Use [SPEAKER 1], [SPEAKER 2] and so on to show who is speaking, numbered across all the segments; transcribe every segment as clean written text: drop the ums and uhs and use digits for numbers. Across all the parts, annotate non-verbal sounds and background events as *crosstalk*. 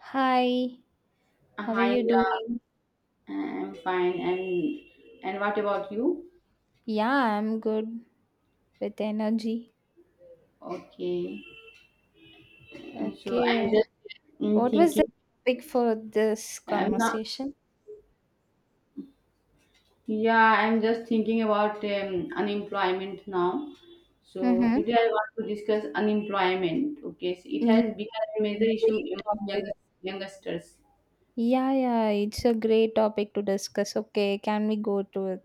[SPEAKER 1] Hi, how are
[SPEAKER 2] Hi,
[SPEAKER 1] you
[SPEAKER 2] Indra.
[SPEAKER 1] doing?
[SPEAKER 2] I'm fine. And what about you?
[SPEAKER 1] Yeah, I'm good with energy.
[SPEAKER 2] Okay. And so I'm
[SPEAKER 1] Okay,
[SPEAKER 2] just
[SPEAKER 1] what was the
[SPEAKER 2] thinking.
[SPEAKER 1] topic for this
[SPEAKER 2] I'm not.
[SPEAKER 1] conversation?
[SPEAKER 2] Yeah, I'm just thinking about unemployment now. So
[SPEAKER 1] Mm-hmm.
[SPEAKER 2] today I want to discuss unemployment. Okay, so it
[SPEAKER 1] Yeah,
[SPEAKER 2] has become a major issue
[SPEAKER 1] great
[SPEAKER 2] among
[SPEAKER 1] topic.
[SPEAKER 2] youngsters.
[SPEAKER 1] Yeah, yeah, it's a great topic to discuss. Okay, can we go to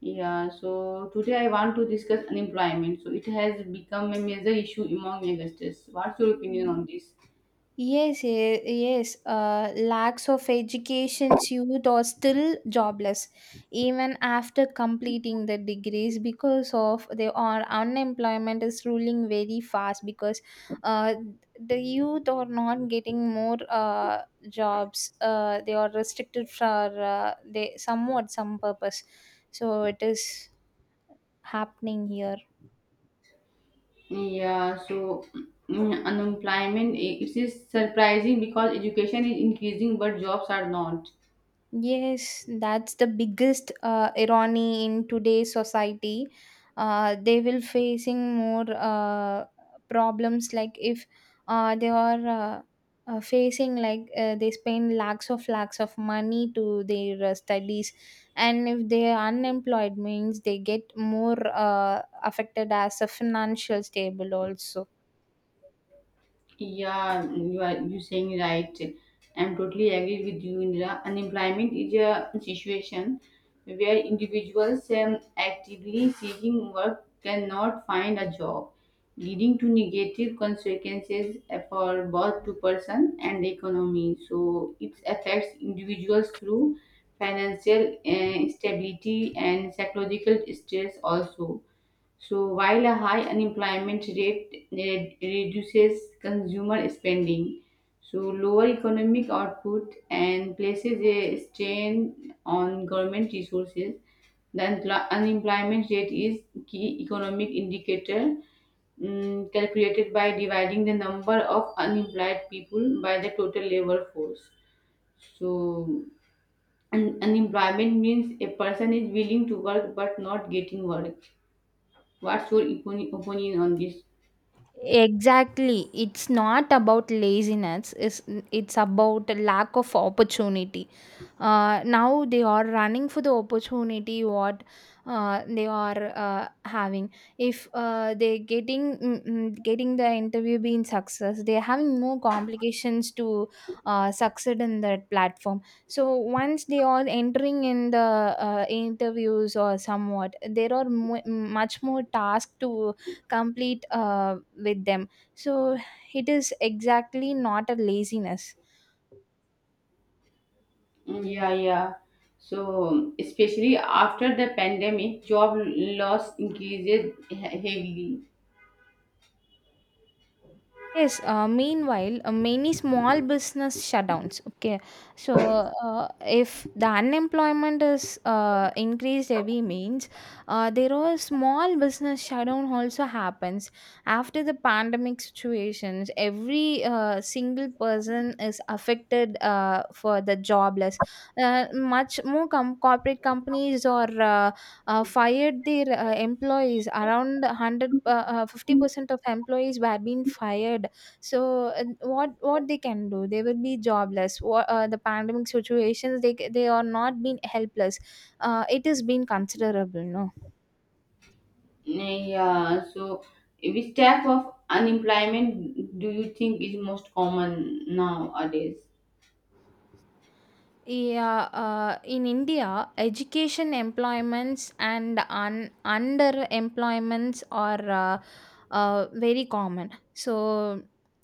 [SPEAKER 2] Yeah. So today I want to discuss unemployment. So it has become a major issue among youngsters. What's your opinion
[SPEAKER 1] it?
[SPEAKER 2] on this?
[SPEAKER 1] Yes, yes. Lakhs of education youth are still jobless even after completing the degrees because of they are unemployment is ruling very fast because uh, the youth are not getting more jobs. They are restricted for they somewhat some purpose. So it is happening here.
[SPEAKER 2] Yeah, so unemployment it is surprising because education is increasing but jobs are not.
[SPEAKER 1] Yes, that's the biggest irony in today's society. They will facing more problems like if they are facing like they spend lakhs of money to their studies, and if they are unemployed means they get more affected as a financial stable also.
[SPEAKER 2] Yeah, you saying right. I'm totally agree with you, Indira. Unemployment is a situation where individuals actively seeking work cannot find a job, leading to negative consequences for both to person and the economy. So it affects individuals through financial stability and psychological stress also so, while a high unemployment rate reduces consumer spending, so lower economic output and places a strain on government resources, the unemployment rate is key economic indicator calculated by dividing the number of unemployed people by the total labor force. So, unemployment means a person is willing to work but not getting work. What's your opinion on this?
[SPEAKER 1] Exactly. It's not about laziness. It's about lack of opportunity. Now they are running for the opportunity what they are having. If they getting getting the interview being success, they are having more complications to succeed in that platform. So once they are entering in the interviews or somewhat, there are mu much more tasks to complete with them, so it is exactly not a laziness.
[SPEAKER 2] Yeah. So, especially after the pandemic, job loss increases heavily.
[SPEAKER 1] Yes, meanwhile, many small business shutdowns. Okay, so if the unemployment is increased every means, there are small business shutdown also happens after the pandemic situations. Every single person is affected for the jobless. Much more corporate companies or fired their employees. Around 100, 50% of employees were being fired, so what they can do? They will be jobless. Wha The pandemic situations, they are not being helpless. It has been considerable, no.
[SPEAKER 2] Yeah, so which type of unemployment do you think is most common nowadays?
[SPEAKER 1] Yeah, in India, education employments and underemployments are very common. So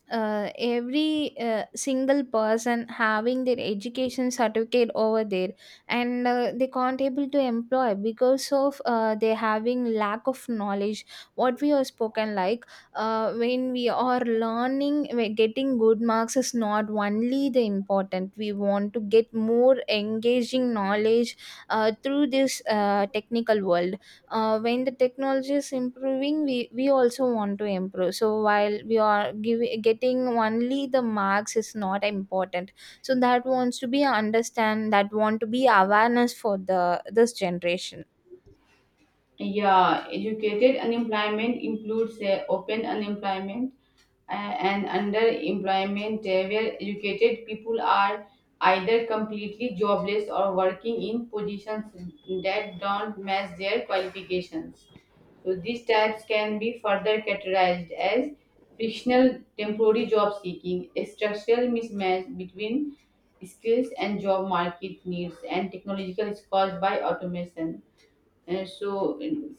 [SPEAKER 1] every single person having their education certificate over there, and they can't able to employ because of they having lack of knowledge. What we have spoken like, when we are learning getting good marks is not only the important. We want to get more engaging knowledge through this technical world. When the technology is improving, we also want to improve. So while we are giving getting only the marks is not important, so that wants to be understand, that want to be awareness for the this generation.
[SPEAKER 2] Yeah, educated unemployment includes open unemployment and underemployment, where educated people are either completely jobless or working in positions that don't match their qualifications. So these types can be further categorized as frictional temporary job seeking, a structural mismatch between skills and job market needs, and technological is caused by automation. And so, in-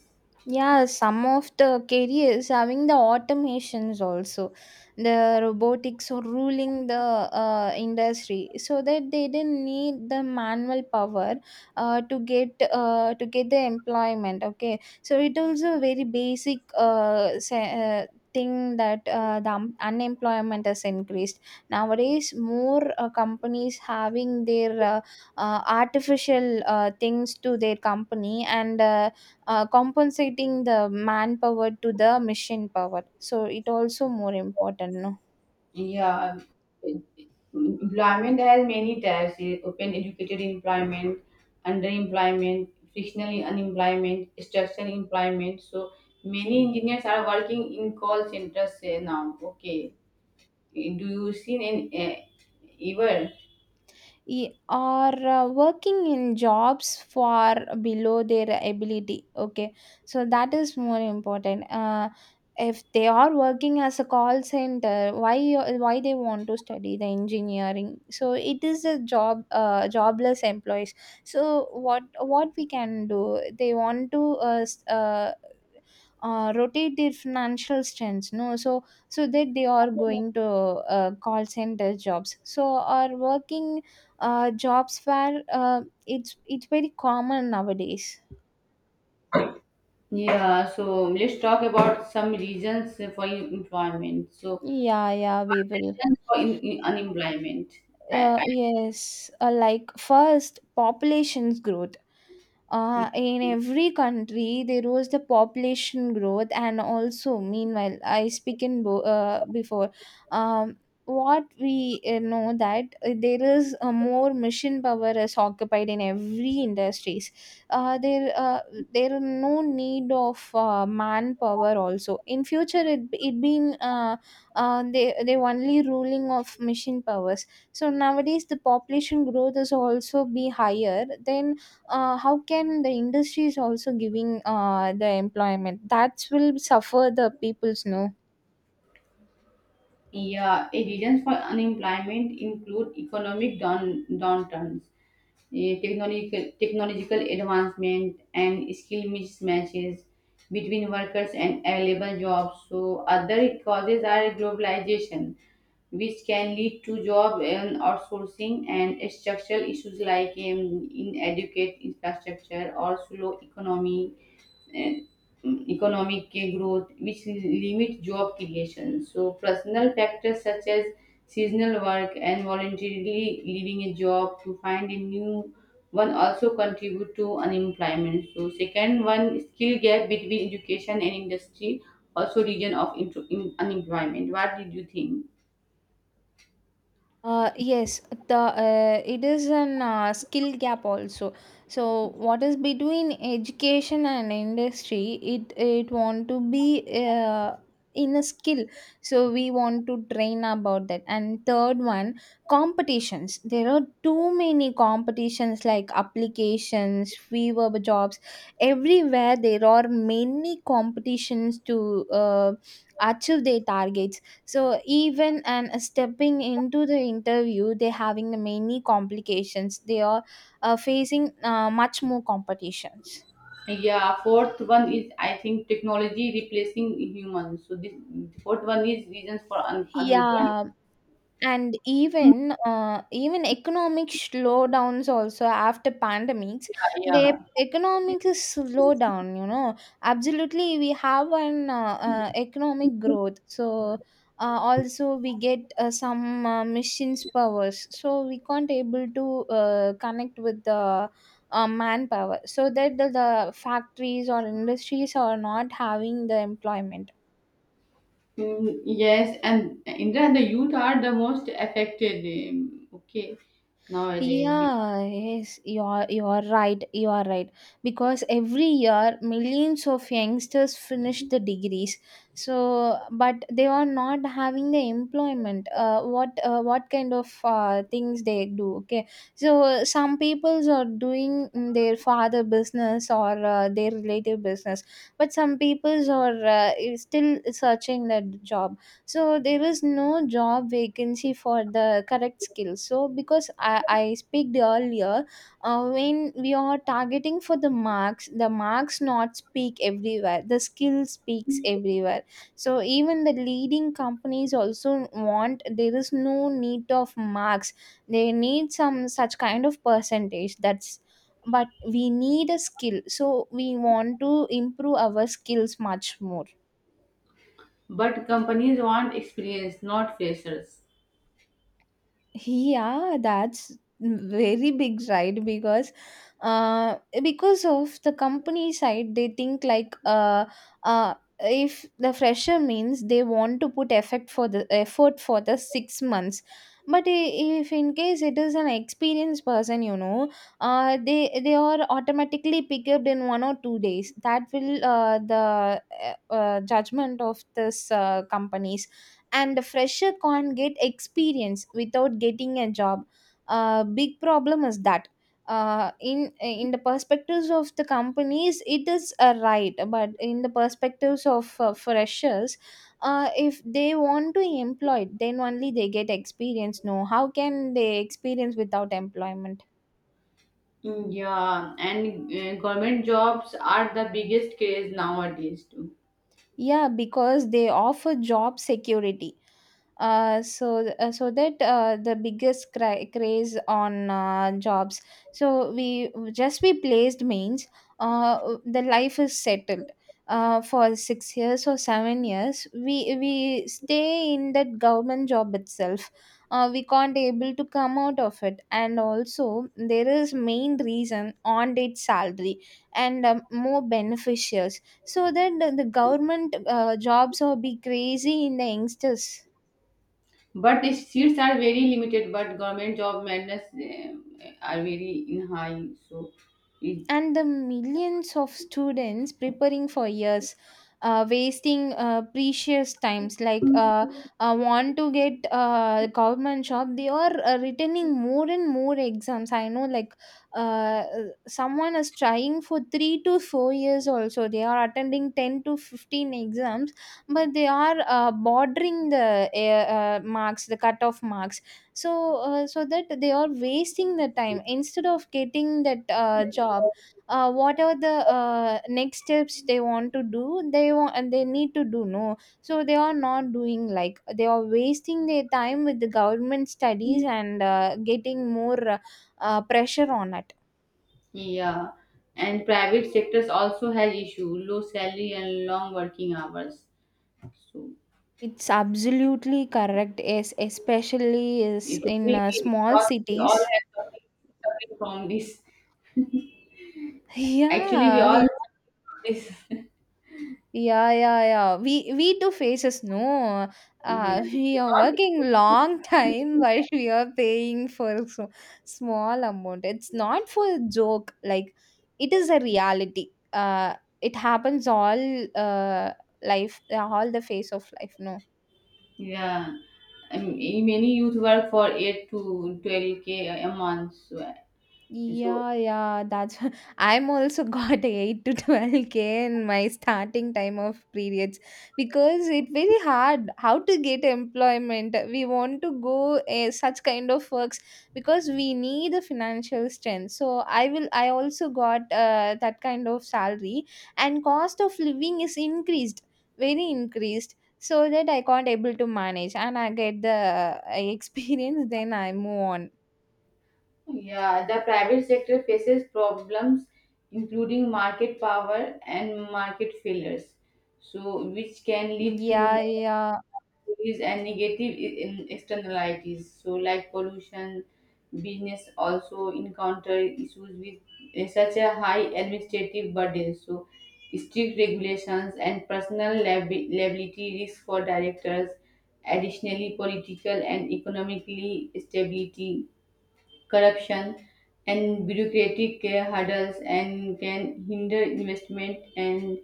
[SPEAKER 1] Yeah, some of the careers having the automations also. The robotics are ruling the industry, so that they didn't need the manual power to get the employment. Okay, so it also very basic thing that the unemployment has increased nowadays. More companies having their artificial things to their company and compensating the manpower to the machine power, so it also more important, no.
[SPEAKER 2] yeah, em- employment has many types: open educated employment, underemployment, frictional unemployment, structural employment. So, many engineers are working in call centers now. Okay, do you see any ever?
[SPEAKER 1] Or working in jobs far below their ability, okay, so that is more important. If they are working as a call center, why they want to study the engineering? So it is a job, jobless employees. So what we can do? They want to rotate their financial strengths, no. So that they are going to call center jobs, so are working jobs where it's very common nowadays.
[SPEAKER 2] Yeah, so let's talk about some reasons for employment. So,
[SPEAKER 1] Yeah, yeah, we will.
[SPEAKER 2] reasons for in unemployment. I,
[SPEAKER 1] Yes, like first, population's growth.
[SPEAKER 2] I,
[SPEAKER 1] In every country, there was the population growth, and also, meanwhile, I speak in before. Um, what we know that there is a more mission power is occupied in every industries. There, there are no need of manpower. Also, in future, it been. They only ruling of machine powers, so nowadays the population growth is also be higher, then how can the industries also giving the employment that will suffer the people's, no.
[SPEAKER 2] Yeah, a reasons for unemployment include economic downturns, technological advancement, and skill mismatches between workers and available jobs. So other causes are globalization, which can lead to job and outsourcing and structural issues like inadequate infrastructure or slow economy and economic growth, which limit job creation. So, personal factors such as seasonal work and voluntarily leaving a job to find a new one also contribute to unemployment. So, second one, skill gap between education and industry, also region of unemployment. What did you think?
[SPEAKER 1] Yes, the it is an skill gap also. So what is between education and industry? It want to be uh, in a skill. So we want to train about that. And third one, competitions. There are too many competitions like applications, fever jobs. Everywhere there are many competitions to achieve their targets, so even and stepping into the interview they're having the many complications, they are facing much more competitions.
[SPEAKER 2] Yeah, fourth one is I think technology replacing humans. So this fourth one is reasons for unemployment.
[SPEAKER 1] Yeah. And even economic slowdowns also after pandemics, the
[SPEAKER 2] Yeah.
[SPEAKER 1] economics is slow down. Absolutely we have an economic growth. So also we get some machines powers. So we can't able to connect with the manpower. So that the factories or industries are not having the employment.
[SPEAKER 2] Yes, and Indra, the youth are the most affected. Okay, nowadays, Be-
[SPEAKER 1] Yeah, yes, you are right. You are right. Because every year millions of youngsters finish the degrees. So, but they are not having the employment. What kind of things they do? Okay. So some peoples are doing their father business or their relative business, but some peoples are is still searching that job. So there is no job vacancy for the correct skills, so because I speak earlier, when we are targeting for the marks, the marks not speak everywhere, the skill speaks everywhere. So even the leading companies also want there is no need of marks. They need some such kind of percentage, that's but we need a skill. So we want to improve our skills much more.
[SPEAKER 2] but companies want experience, not freshers.
[SPEAKER 1] Yeah, that's very big right uh because of the company side they think like uh if the fresher means they want to put effort for the 6 months. But if in case it is an experienced person, they are automatically picked up in 1 or 2 days. That will the judgment of this company. And a fresher can't get experience without getting a job. Big problem is that, in the perspectives of the companies it is a right, but in the perspectives of freshers, if they want to employ then only they get experience, no. How can they experience without employment?
[SPEAKER 2] Yeah, and government jobs are the biggest craze nowadays too.
[SPEAKER 1] Yeah, because they offer job security. So that the biggest craze on jobs. So we just we placed means the life is settled for 6 years or 7 years. We stay in that government job itself. We can't able to come out of it. And also there is main reason on date salary and more beneficial. So that the government jobs will be crazy in the youngsters.
[SPEAKER 2] But the seats are very limited. But government job madness are very in high. It,
[SPEAKER 1] And the millions of students preparing for years, wasting precious times, want to get government job, they are returning more and more exams. I know like, uh, someone is trying for 3 to 4 years, also they are attending 10 to 15 exams. But they are bordering the marks, the cutoff marks. So uh, so that they are wasting the time instead of getting that job. What are the next steps they want to do? They want, and they need to do, no. So they are not doing, like, they are wasting their time with the government studies and getting more pressure on it.
[SPEAKER 2] yeah, and private sectors also has issue, low salary and long working hours. So.
[SPEAKER 1] It's absolutely correct. Yes, especially is
[SPEAKER 2] It you
[SPEAKER 1] in
[SPEAKER 2] be.
[SPEAKER 1] small
[SPEAKER 2] We all
[SPEAKER 1] cities.
[SPEAKER 2] have something suffering from this.
[SPEAKER 1] *laughs*
[SPEAKER 2] Actually, we
[SPEAKER 1] Yeah.
[SPEAKER 2] all suffering from
[SPEAKER 1] Yeah, yeah, yeah. We do faces, no.
[SPEAKER 2] this.
[SPEAKER 1] *laughs* We are working long *laughs*
[SPEAKER 2] *laughs*
[SPEAKER 1] time while
[SPEAKER 2] Yeah.
[SPEAKER 1] we are paying for so small amount. It's not for a joke, like it is a reality. It happens all uh life, all the phase of life. No.
[SPEAKER 2] Yeah. I mean, many youth work for 8 to 12 k a month. So,
[SPEAKER 1] Yeah, yeah, that's *laughs* I'm also got *laughs* 8 to 12K in my starting time of periods, because it very hard how to get employment. We want to go such kind of works, because we need a financial strength. So I also got that kind of salary. And cost of living is increased, very increased. So that I can't able to manage, and I get the *laughs* experience, then I move on.
[SPEAKER 2] yeah, the private sector faces problems including market power and market failures, so which can lead to
[SPEAKER 1] Yeah,
[SPEAKER 2] more
[SPEAKER 1] yeah.
[SPEAKER 2] monopolies and negative in externalities. So, like pollution, business also encounter issues with such a high administrative burden. So, strict regulations and personal liability risk for directors. Additionally, political and economically stability corruption, and bureaucratic hurdles and can hinder investment and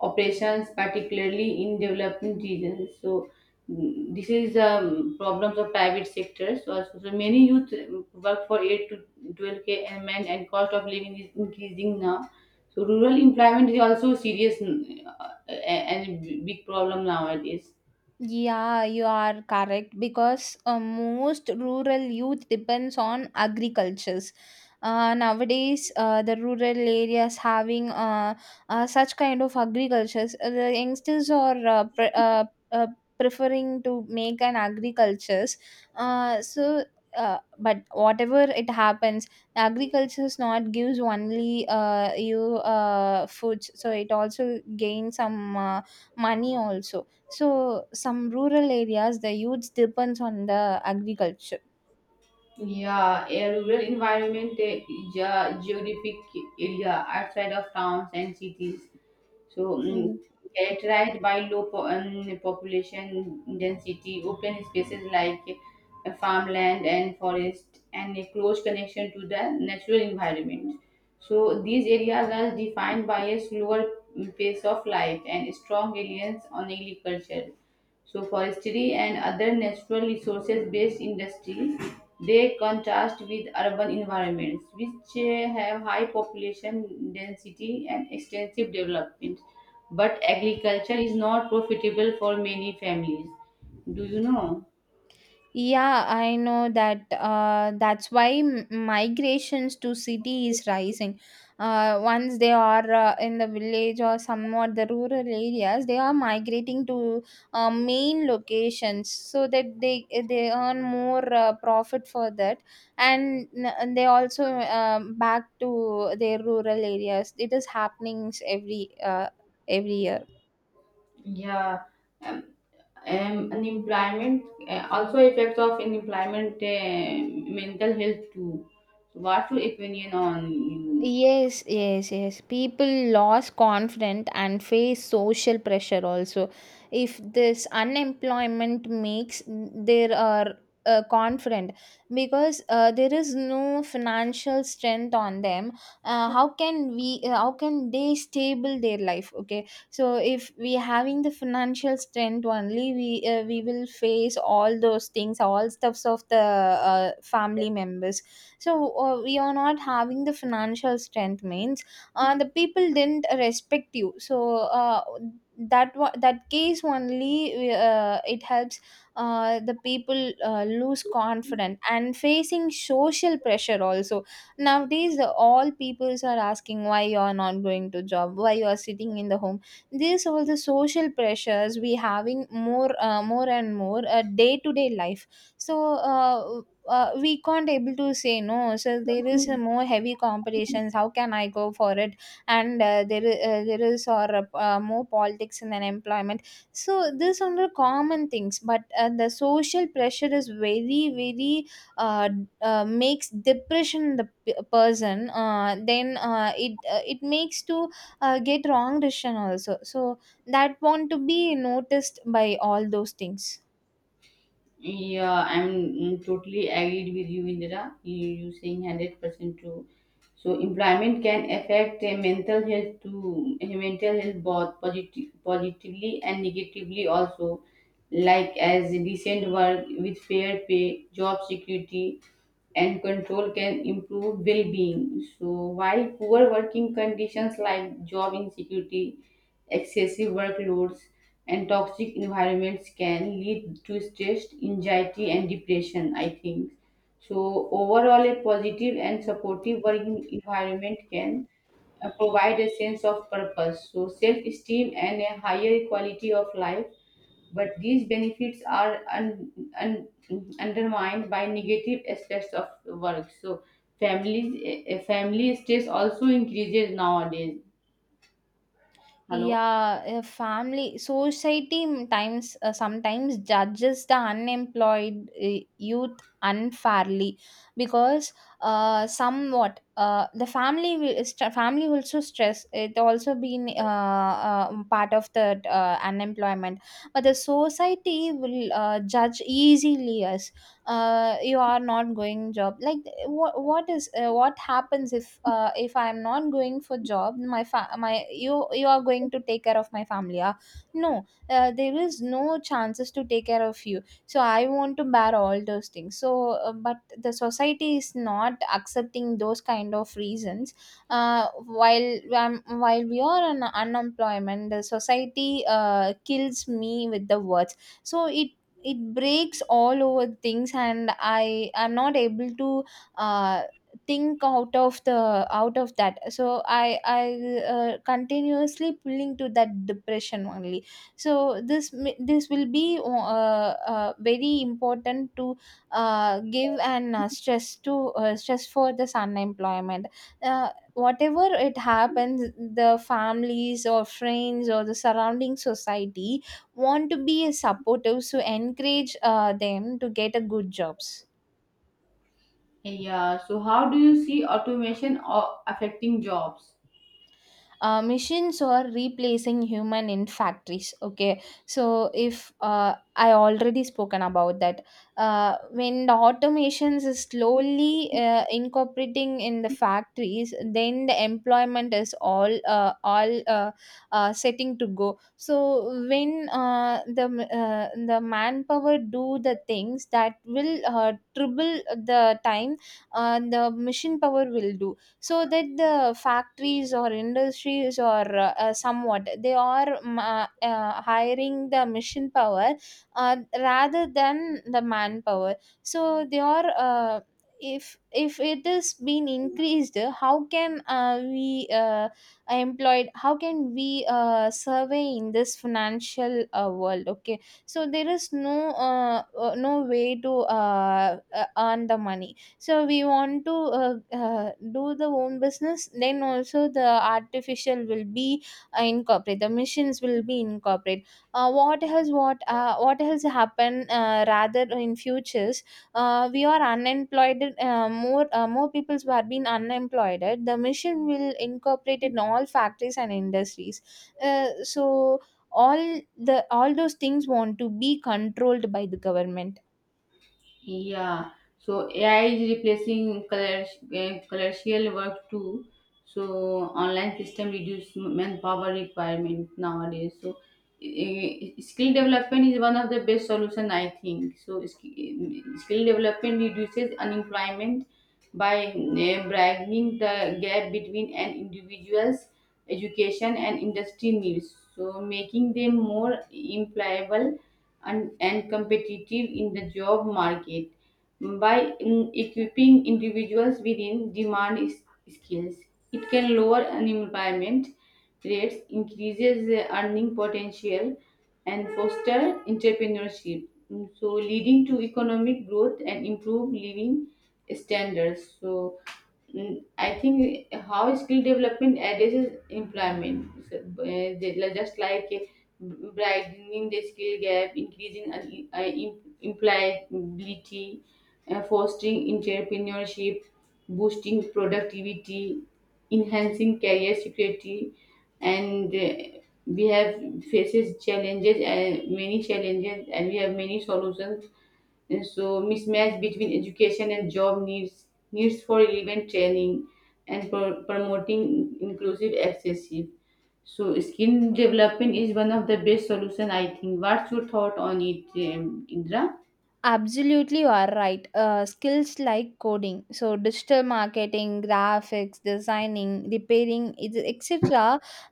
[SPEAKER 2] operations, particularly in developing regions. So this is problems of private sectors. So, so many youth work for 8 to 12K a month and cost of living is increasing now. So rural employment is also serious and big problem nowadays.
[SPEAKER 1] Yeah, you are correct, because most rural youth depends on agricultures. Nowadays, the rural areas having such kind of agricultures, the youngsters are uh, preferring to make an agricultures. Uh, so, but whatever it happens, agriculture is not gives only you foods. So it also gains some money also. So, some rural areas, the youth depends on the agriculture.
[SPEAKER 2] Yeah, a rural environment, a geographic area outside of towns and cities. So,
[SPEAKER 1] Mhm.
[SPEAKER 2] characterized by low population density, open spaces like farmland and forest, and a close connection to the natural environment. So, these areas are defined by a slower pace of life and strong reliance on agriculture. So forestry and other natural resources based industries they contrast with urban environments which have high population density and extensive development. But agriculture is not profitable for many families. Do you know?
[SPEAKER 1] Yeah, I know that. That's why migrations to city is rising. Once they are in the village or somewhat the rural areas, they are migrating to main locations so that they earn more profit for that, and they also back to their rural areas. It is happening every year.
[SPEAKER 2] Yeah, um, unemployment also effects of unemployment, mental health too. So what's your opinion on you?
[SPEAKER 1] Yes, yes, yes. People lost confidence and face social pressure also. If this unemployment makes there are confident because there is no financial strength on them, how can we how can they stable their life? Okay, so if we having the financial strength only, we will face all those things, all stuffs of the family members. So we are not having the financial strength means the people didn't respect you. So that case only it helps the people lose confidence and facing social pressure also. Nowadays, all peoples are asking why you are not going to job, why you are sitting in the home. These all the social pressures we having more, more and more, day to day life. So we can't able to say no, so there is a more heavy competitions, how can I go for it? And there is or more politics in an employment. So these are the common things, but the social pressure is very very makes depression in the person, then it makes to get wrong decision also. So that want to be noticed by all those things.
[SPEAKER 2] Yeah, I'm totally agreed with you, Indira. You saying 100% true. So employment can affect mental health to mental health both positively and negatively also, like as decent work with fair pay, job security, and control can improve well-being. So while poor working conditions like job insecurity, excessive workloads, and toxic environments can lead to stress, anxiety, and depression, I think. So overall, a positive and supportive working environment can provide a sense of purpose, so self-esteem and a higher quality of life but these benefits are un, undermined by negative aspects of work. So families, family stress also increases nowadays. Hello.
[SPEAKER 1] Yeah, a family society m- times sometimes judges the unemployed youth unfairly, because somewhat the family will family also stress, it also been part of the unemployment. But the society will judge easily us, you are not going job, like what is what happens if I am not going for job, my my, you are going to take care of my family, ah? No, there is no chances to take care of you, so I want to bear all those things. So but the society is not accepting those kind of reasons. uh, while while we are on unemployment, the society kills me with the words. So it breaks all over things and I am not able to uh, think out of the out of that. So I continuously pulling to that depression only. So this will be very important to give an stress to stress for this unemployment. Whatever it happens, the families or friends or the surrounding society want to be supportive, so encourage them to get a good jobs.
[SPEAKER 2] Yeah. So how do you see automation affecting jobs?
[SPEAKER 1] Machines are replacing human in factories. Okay, so if I already spoken about that. When the automations is slowly incorporating in the factories, then the employment is all setting to go. So when the manpower do the things, that will triple the time, the machine power will do. So that the factories or industries or somewhat, they are hiring the machine power rather than the manpower. So they are if it is been increased, how can we employed, how can we survey in this financial world? Okay, so there is no way to earn the money. So we want to do the own business, then also the artificial will be incorporated, the machines will be incorporated. What has happened rather in futures, we are unemployed, more peoples who have been unemployed, the machine will incorporate in all factories and industries. So all the all those things want to be controlled by the government.
[SPEAKER 2] Yeah, so AI is replacing color, commercial work too. So online system reduce manpower requirement nowadays. So skill development is one of the best solution I think. So skill development reduces unemployment by broadening the gap between an individual's education and industry needs. So making them more employable and competitive in the job market by equipping individuals within demand skills. It can lower unemployment rates, increases the earning potential, and foster entrepreneurship. So, leading to economic growth and improve living standards. So, I think how skill development addresses employment, So, just like widening the skill gap, increasing employability, fostering entrepreneurship, boosting productivity, enhancing career security, and we have faces challenges, many challenges, and we have many solutions and so mismatch between education and job needs for relevant training and for promoting inclusive accession. So skill development is one of the best solution I think. What's your thought on it, Indra?
[SPEAKER 1] Absolutely, you are right. Skills like coding, so digital marketing, graphics, designing, repairing, it- etc.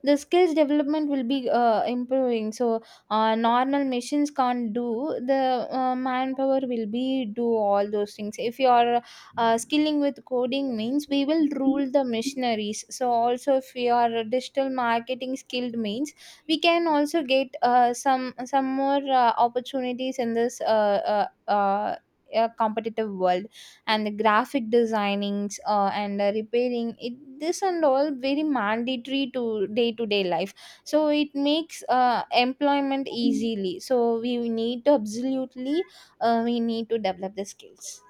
[SPEAKER 1] The skills development will be improving. So normal machines can't do. The manpower will be do all those things. If you are skilling with coding, means we will rule the machineries. So also, if you are a digital marketing skilled means we can also get some more opportunities in this uh, a competitive world, and the graphic designings and repairing it, this and all very mandatory to day life. So it makes employment easily, so we need to absolutely, we need to develop the skills.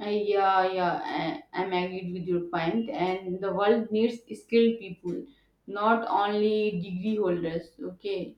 [SPEAKER 2] Yeah, yeah, I'm agreed with your point. And the world needs skilled people, not only degree holders. Okay.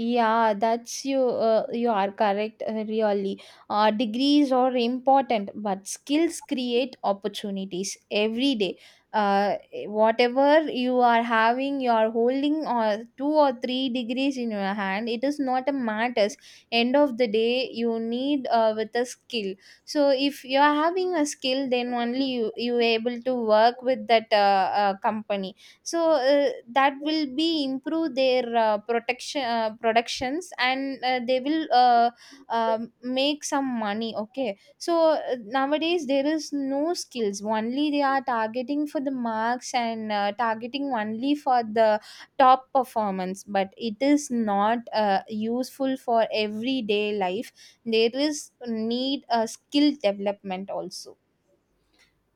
[SPEAKER 1] Yeah, that's you. You are correct. Uh, really, degrees are important, but skills create opportunities every day. Uh, whatever you are having, you are holding or two or three degrees in your hand. It is not a matters. End of the day, you need with a skill. So if you are having a skill, then only you able to work with that company. So that will be improve their protection, productions, and they will make some money. Okay, so nowadays there is no skills, only they are targeting for the marks and targeting only for the top performance, but it is not useful for everyday life. There is need a skill development also.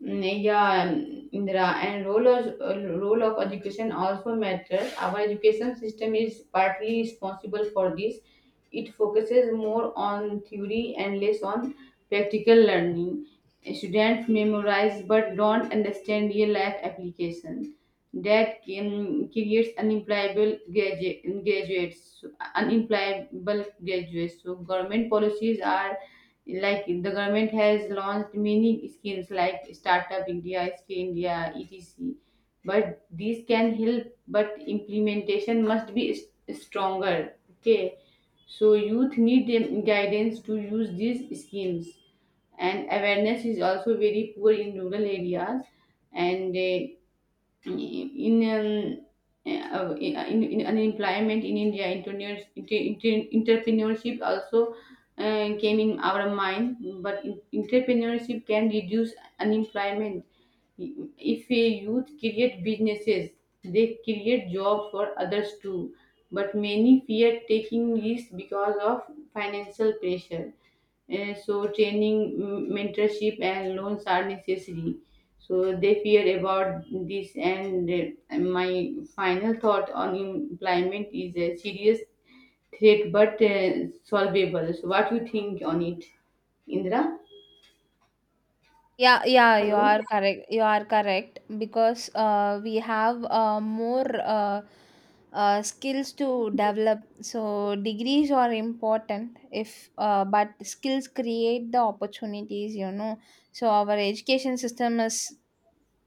[SPEAKER 2] Yeah, Indira, and role of education also matters. Our education system is partly responsible for this. It focuses more on theory and less on practical learning. Students memorize but don't understand real life application. Creates unemployable graduates, unemployable graduates. So government policies are like the government has launched many schemes like startup india skill india etc but these can help but implementation must be stronger okay so youth need guidance to use these schemes and awareness is also very poor in rural areas and in in unemployment in India, entrepreneurship also came in our mind. But entrepreneurship can reduce unemployment. If a youth create businesses, they create jobs for others too. But many fear taking risks because of financial pressure. So training, mentorship, and loans are necessary. So they fear about this. And my final thought on employment is a serious threat, but solvable. So what you think on it, Indra?
[SPEAKER 1] Yeah, yeah, you
[SPEAKER 2] Hello.
[SPEAKER 1] are correct. You are correct because we have more skills to develop. So degrees are important if but skills create the opportunities, you know. So our education system is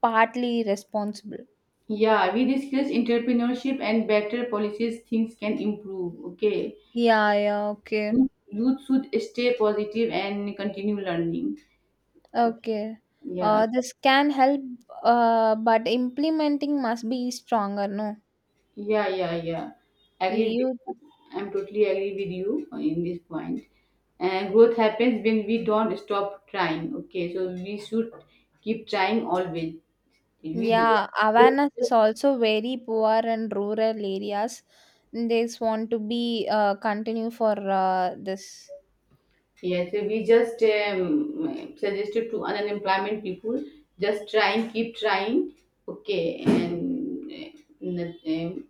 [SPEAKER 1] partly responsible.
[SPEAKER 2] Yeah, we discuss entrepreneurship and better policies. Things can improve. Okay.
[SPEAKER 1] Yeah, yeah, okay.
[SPEAKER 2] Youth should stay positive and continue learning. Okay.
[SPEAKER 1] Okay.
[SPEAKER 2] Yeah.
[SPEAKER 1] This can help, but implementing must be stronger, no?
[SPEAKER 2] Yeah. Agreed.
[SPEAKER 1] You.
[SPEAKER 2] I'm totally agree with you in this point. And growth happens when we don't stop trying. Okay, so we should keep trying always. We
[SPEAKER 1] Yeah,
[SPEAKER 2] just
[SPEAKER 1] awareness is also very poor in rural areas. They just want to be continue for this.
[SPEAKER 2] yeah. So we just suggested to unemployment people just trying, keep trying. Okay, and uh, um,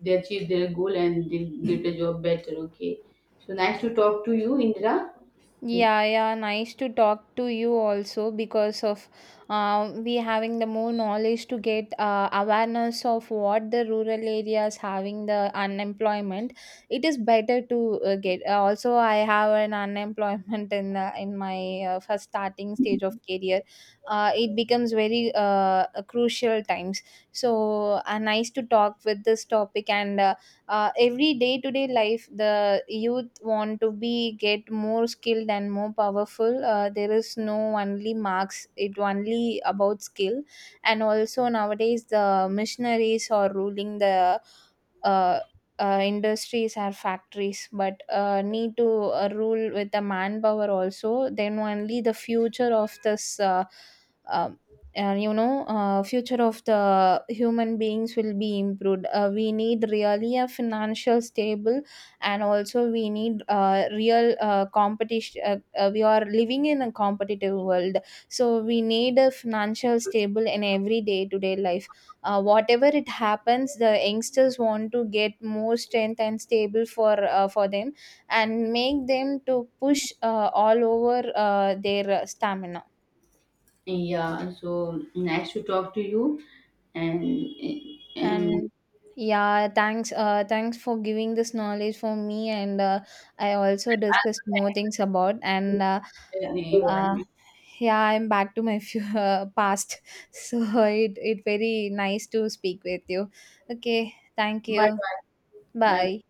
[SPEAKER 2] they achieve their goal and they get a job better. Okay. So nice to talk to you, Indra.
[SPEAKER 1] Yeah, yeah, nice to talk to you also, because of we having the more knowledge to get awareness of what the rural areas having the unemployment. It is better to get. Also, I have an unemployment *laughs* in my first starting stage of career. It becomes very crucial times. So nice to talk with this topic and. Uh, every day to day life, the youth want to be get more skilled and more powerful. There is no only marks, it only about skill. And also, nowadays the missionaries are ruling the uh, industries or factories, but need to rule with the manpower also, then only the future of this uh, and you know, future of the human beings will be improved. Uh, we need really a financial stable, and also we need real competition, we are living in a competitive world. So we need a financial stable in every day to day life. Whatever it happens, the youngsters want to get more strength and stable for them, and make them to push all over their stamina.
[SPEAKER 2] Yeah, so nice to talk to you and um,
[SPEAKER 1] And yeah, thanks. Thanks for giving this knowledge for me, and I also discussed more things about. And uh,
[SPEAKER 2] you
[SPEAKER 1] yeah, I'm back to my *laughs* few past. *laughs* So it very nice to speak with you. Okay, thank
[SPEAKER 2] bye
[SPEAKER 1] you.
[SPEAKER 2] bye. Bye
[SPEAKER 1] Bye.